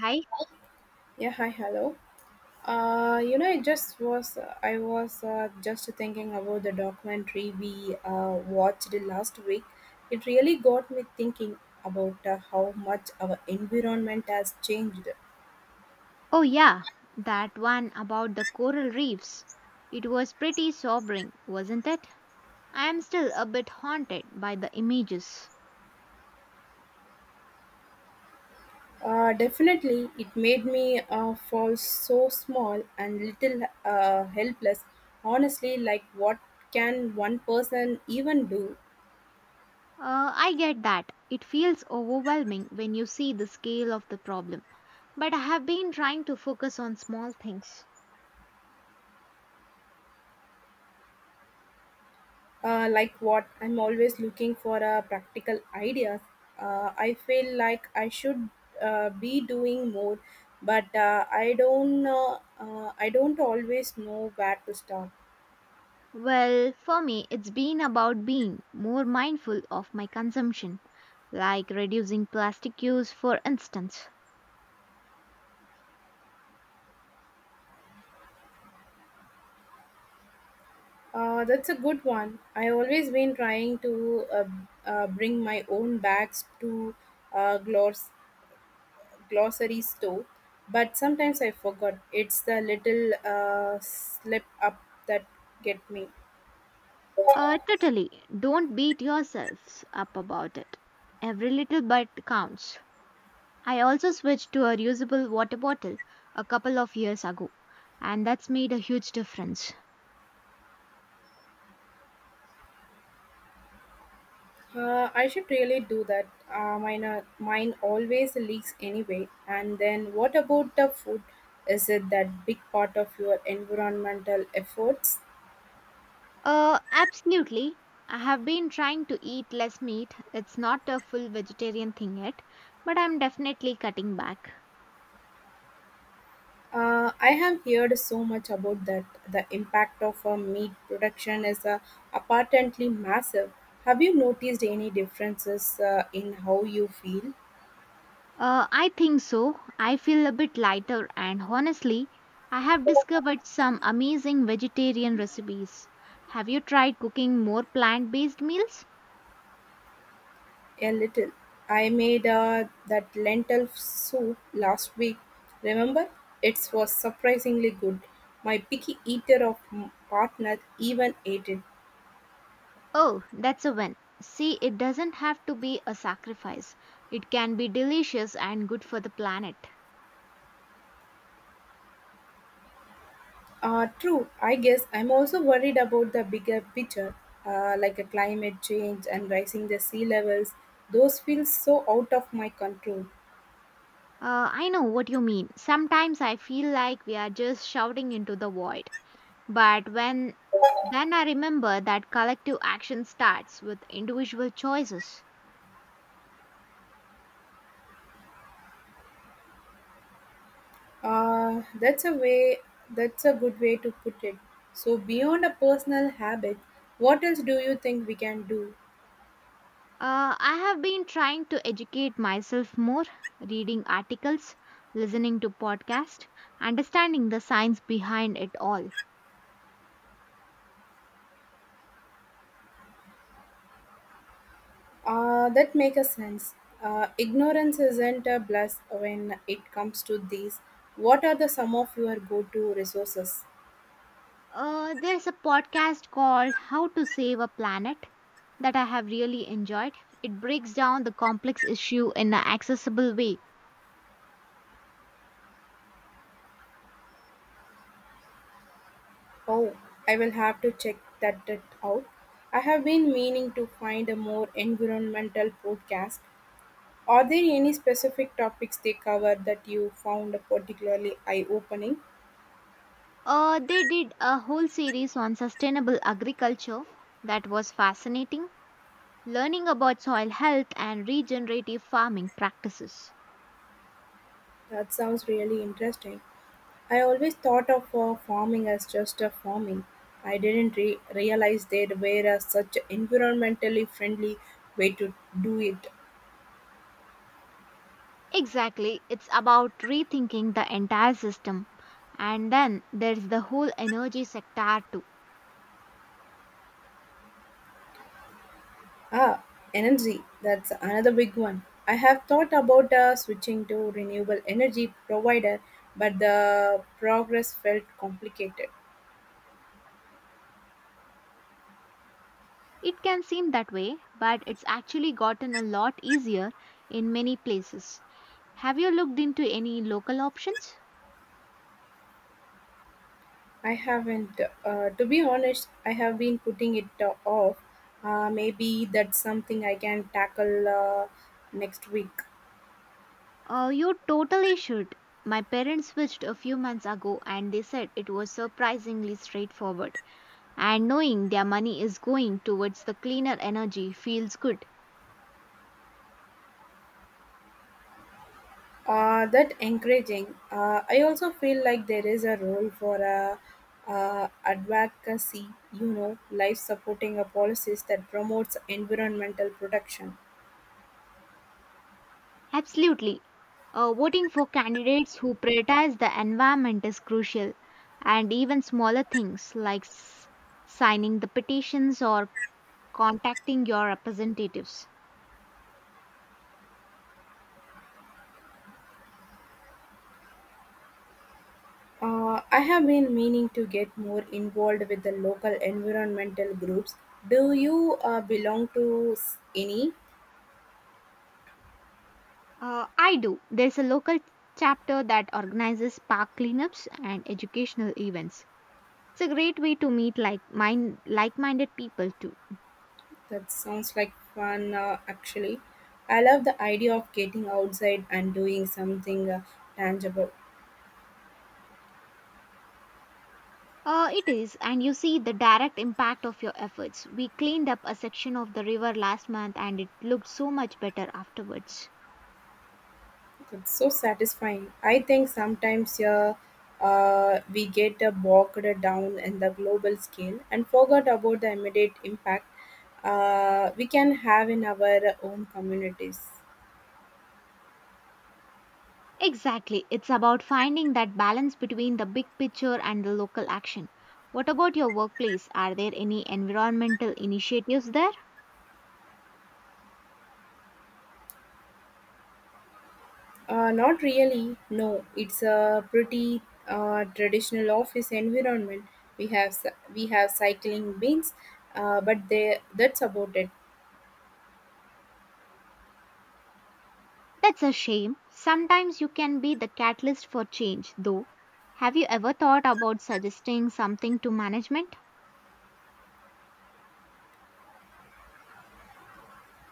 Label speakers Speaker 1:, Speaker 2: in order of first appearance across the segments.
Speaker 1: Hi.
Speaker 2: Yeah, hi, hello. It just was, I was just thinking about the documentary we watched last week. It really got me thinking about how much our environment has changed.
Speaker 1: Oh, yeah, that one about the coral reefs. It was pretty sobering, wasn't it? I am still a bit haunted by the images.
Speaker 2: Definitely, it made me fall so small and little helpless. Honestly, like what can one person even do?
Speaker 1: I get that. It feels overwhelming when you see the scale of the problem. But I have been trying to focus on small things.
Speaker 2: Like what? I'm always looking for practical ideas. I feel like I should be doing more, but I don't. I don't always know where to start.
Speaker 1: Well, for me, it's been about being more mindful of my consumption, like reducing plastic use, for instance.
Speaker 2: That's a good one. I always been trying to bring my own bags to uh, gloss glossary store, but sometimes I forgot. It's the little slip up that get me.
Speaker 1: Totally. Don't beat yourselves up about it. Every little bit counts. I also switched to a reusable water bottle a couple of years ago, and that's made a huge difference.
Speaker 2: I should really do that. Uh, mine, mine always leaks anyway. And then what about the food? Is it that big part of your environmental efforts?
Speaker 1: Absolutely. I have been trying to eat less meat. It's not a full vegetarian thing yet, but I'm definitely cutting back.
Speaker 2: I have heard so much about that. The impact of meat production is apparently massive. Have you noticed any differences in how you feel?
Speaker 1: I think so. I feel a bit lighter, and honestly, I have discovered some amazing vegetarian recipes. Have you tried cooking more plant based meals?
Speaker 2: A little. I made that lentil soup last week, remember? It was surprisingly good. My picky eater of partner even ate it.
Speaker 1: Oh, that's a win. See, it doesn't have to be a sacrifice, it can be delicious and good for the planet.
Speaker 2: True, I guess I'm also worried about the bigger picture, like a climate change and rising the sea levels. Those feel so out of my control.
Speaker 1: I know what you mean. Sometimes I feel like we are just shouting into the void. But when then I remember that collective action starts with individual choices.
Speaker 2: That's a way. That's a good way to put it. So beyond a personal habit, what else do you think we can do?
Speaker 1: I have been trying to educate myself more, reading articles, listening to podcasts, understanding the science behind it all.
Speaker 2: That makes a sense. Ignorance isn't a bless when it comes to these. What are the some of your go-to resources?
Speaker 1: There's a podcast called How to Save a Planet that I have really enjoyed. It breaks down the complex issue in an accessible way.
Speaker 2: Oh, I will have to check that out. I have been meaning to find a more environmental podcast. Are there any specific topics they cover that you found particularly eye-opening?
Speaker 1: They did a whole series on sustainable agriculture that was fascinating, learning about soil health and regenerative farming practices.
Speaker 2: That sounds really interesting. I always thought of farming as just a farming. I didn't re- realize there were such environmentally friendly way to do it.
Speaker 1: Exactly, it's about rethinking the entire system. And then there's the whole energy sector too.
Speaker 2: Ah, energy. That's another big one. I have thought about switching to renewable energy provider, but the progress felt complicated.
Speaker 1: It can seem that way, but it's actually gotten a lot easier in many places. Have you looked into any local options?
Speaker 2: I haven't. To be honest, I have been putting it off. Maybe that's something I can tackle next week.
Speaker 1: You totally should. My parents switched a few months ago and they said it was surprisingly straightforward. And knowing their money is going towards the cleaner energy feels good.
Speaker 2: That encouraging. I also feel like there is a role for advocacy, you know, life supporting a policies that promotes environmental protection.
Speaker 1: Absolutely. Voting for candidates who prioritize the environment is crucial, and even smaller things like signing the petitions or contacting your representatives.
Speaker 2: I have been meaning to get more involved with the local environmental groups. Do you belong to any?
Speaker 1: I do. There's a local chapter that organizes park cleanups and educational events. It's a great way to meet like-minded people too.
Speaker 2: That sounds like fun, actually. I love the idea of getting outside and doing something tangible.
Speaker 1: It is, and you see the direct impact of your efforts. We cleaned up a section of the river last month, and it looked so much better afterwards.
Speaker 2: That's so satisfying. I think sometimes we get bogged down in the global scale and forgot about the immediate impact we can have in our own communities.
Speaker 1: Exactly. It's about finding that balance between the big picture and the local action. What about your workplace? Are there any environmental initiatives there?
Speaker 2: Not really, no. It's a pretty traditional office environment. We we have cycling bins, that's about it.
Speaker 1: That's a shame. Sometimes you can be the catalyst for change, though. Have you ever thought about suggesting something to management?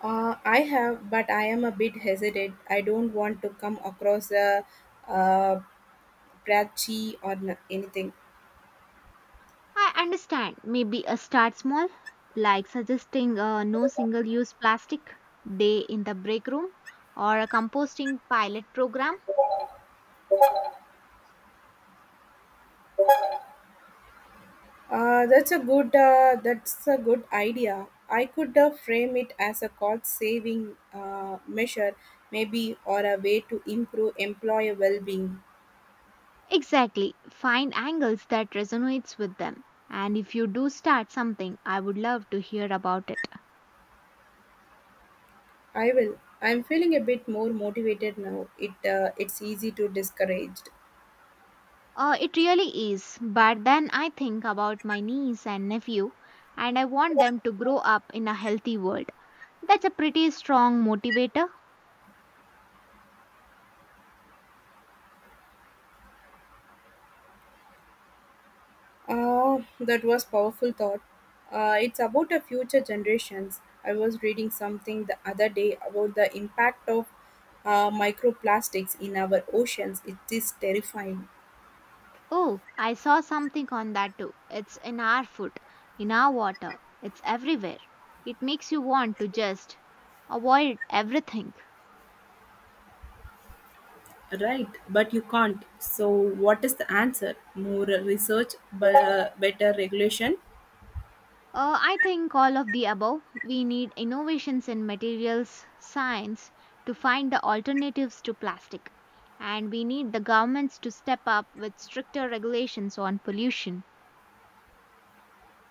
Speaker 2: I have, but I am a bit hesitant. I don't want to come across a, uh patchy or anything.
Speaker 1: I understand. Maybe a start small, like suggesting a no single use plastic day in the break room or a composting pilot program.
Speaker 2: Uh, that's a good idea. I could frame it as a cost saving measure, maybe, or a way to improve employee well being.
Speaker 1: Exactly. Find angles that resonates with them. And if you do start something, I would love to hear about it.
Speaker 2: I will. I'm feeling a bit more motivated now. It, it's easy to discouraged.
Speaker 1: It really is. But then I think about my niece and nephew, and I want them to grow up in a healthy world. That's a pretty strong motivator.
Speaker 2: Ah, that was powerful thought. It's about a future generations. I was reading something the other day about the impact of microplastics in our oceans. It is terrifying.
Speaker 1: Oh, I saw something on that too. It's in our food, in our water, it's everywhere. It makes you want to just avoid everything.
Speaker 2: Right, but you can't. So, what is the answer? More research, but better regulation.
Speaker 1: I think all of the above. We need innovations in materials science to find the alternatives to plastic. And we need the governments to step up with stricter regulations on pollution.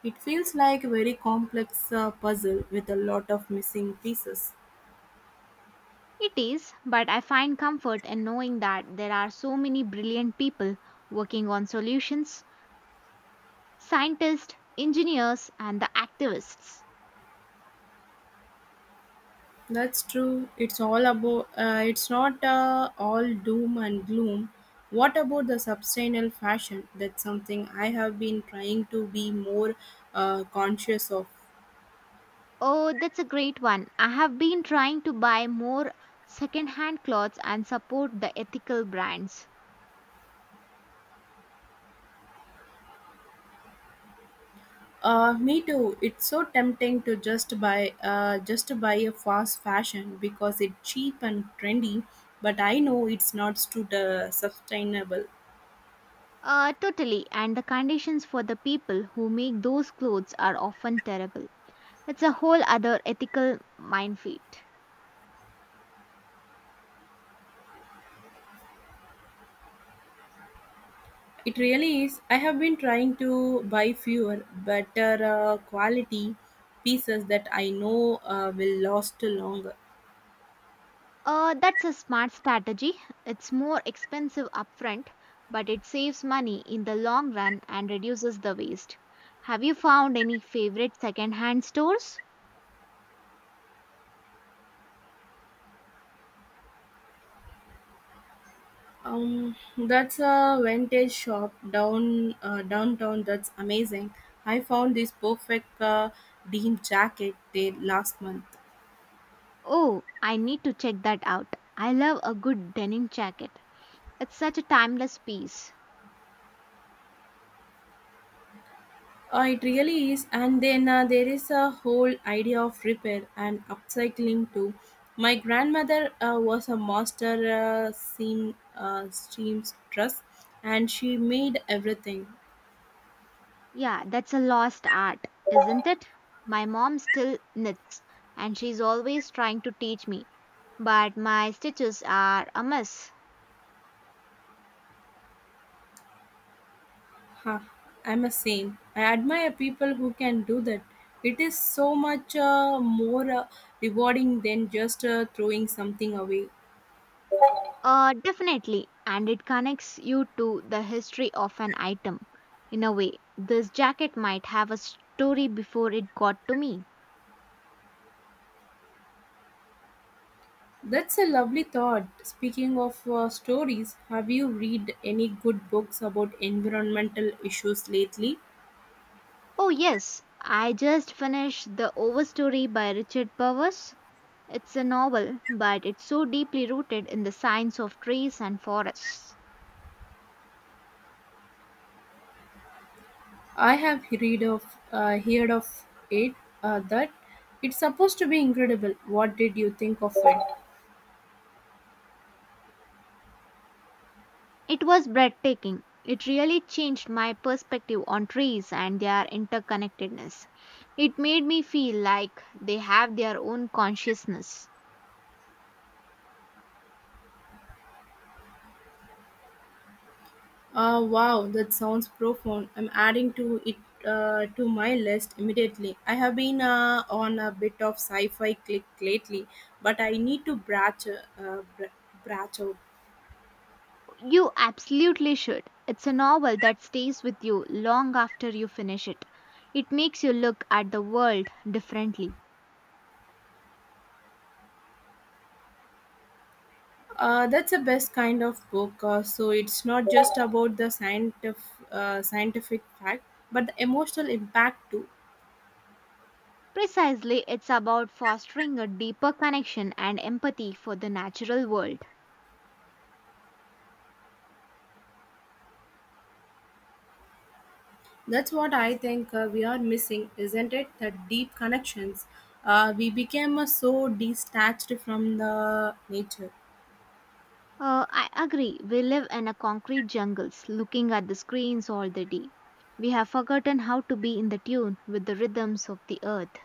Speaker 2: It feels like a very complex puzzle with a lot of missing pieces.
Speaker 1: It is, but I find comfort in knowing that there are so many brilliant people working on solutions scientists, engineers, and the activists.
Speaker 2: That's true. It's all about. It's not all doom and gloom. What about the sustainable fashion? That's something I have been trying to be more conscious of.
Speaker 1: Oh, that's a great one. I have been trying to buy more second hand clothes and support the ethical brands.
Speaker 2: Me too. It's so tempting to just to buy a fast fashion because it's cheap and trendy. But I know it's not too sustainable.
Speaker 1: Totally, and the conditions for the people who make those clothes are often terrible. It's a whole other ethical minefield.
Speaker 2: It really is. I have been trying to buy fewer, better quality pieces that I know will last longer.
Speaker 1: That's a smart strategy. It's more expensive upfront, but it saves money in the long run and reduces the waste. Have you found any favorite secondhand stores?
Speaker 2: That's a vintage shop down downtown. That's amazing. I found this perfect denim jacket there last month.
Speaker 1: Oh, I need to check that out. I love a good denim jacket. It's such a timeless piece.
Speaker 2: It really is, and then there is a whole idea of repair and upcycling too. My grandmother was a master seamstress, and she made everything.
Speaker 1: Yeah, that's a lost art, isn't it? My mom still knits, and she's always trying to teach me, but my stitches are a mess.
Speaker 2: Huh, I'm a same. I admire people who can do that. It is so much more rewarding than just throwing something away.
Speaker 1: Definitely, and it connects you to the history of an item. In a way, this jacket might have a story before it got to me.
Speaker 2: That's a lovely thought. Speaking of stories, have you read any good books about environmental issues lately?
Speaker 1: Oh, yes, I just finished The Overstory by Richard Powers. It's a novel, but it's so deeply rooted in the science of trees and forests.
Speaker 2: I have read of heard of it that it's supposed to be incredible. What did you think of it?
Speaker 1: It was breathtaking. It really changed my perspective on trees and their interconnectedness. It made me feel like they have their own consciousness.
Speaker 2: Wow, that sounds profound. I'm adding to it to my list immediately. I have been on a bit of sci-fi click lately, but I need to branch out.
Speaker 1: You absolutely should. It's a novel that stays with you long after you finish it. It makes you look at the world differently.
Speaker 2: That's the best kind of book. So it's not just about the scientific, scientific fact, but the emotional impact too.
Speaker 1: Precisely, it's about fostering a deeper connection and empathy for the natural world.
Speaker 2: That's what I think we are missing, isn't it? The deep connections. We became so detached from the nature.
Speaker 1: I agree. We live in a concrete jungles, looking at the screens all the day. We have forgotten how to be in the tune with the rhythms of the earth.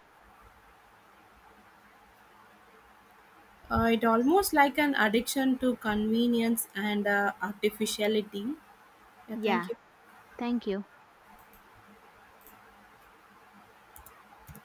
Speaker 2: It almost like an addiction to convenience and artificiality. Yeah,
Speaker 1: Yeah,
Speaker 2: thank you.
Speaker 1: thank you.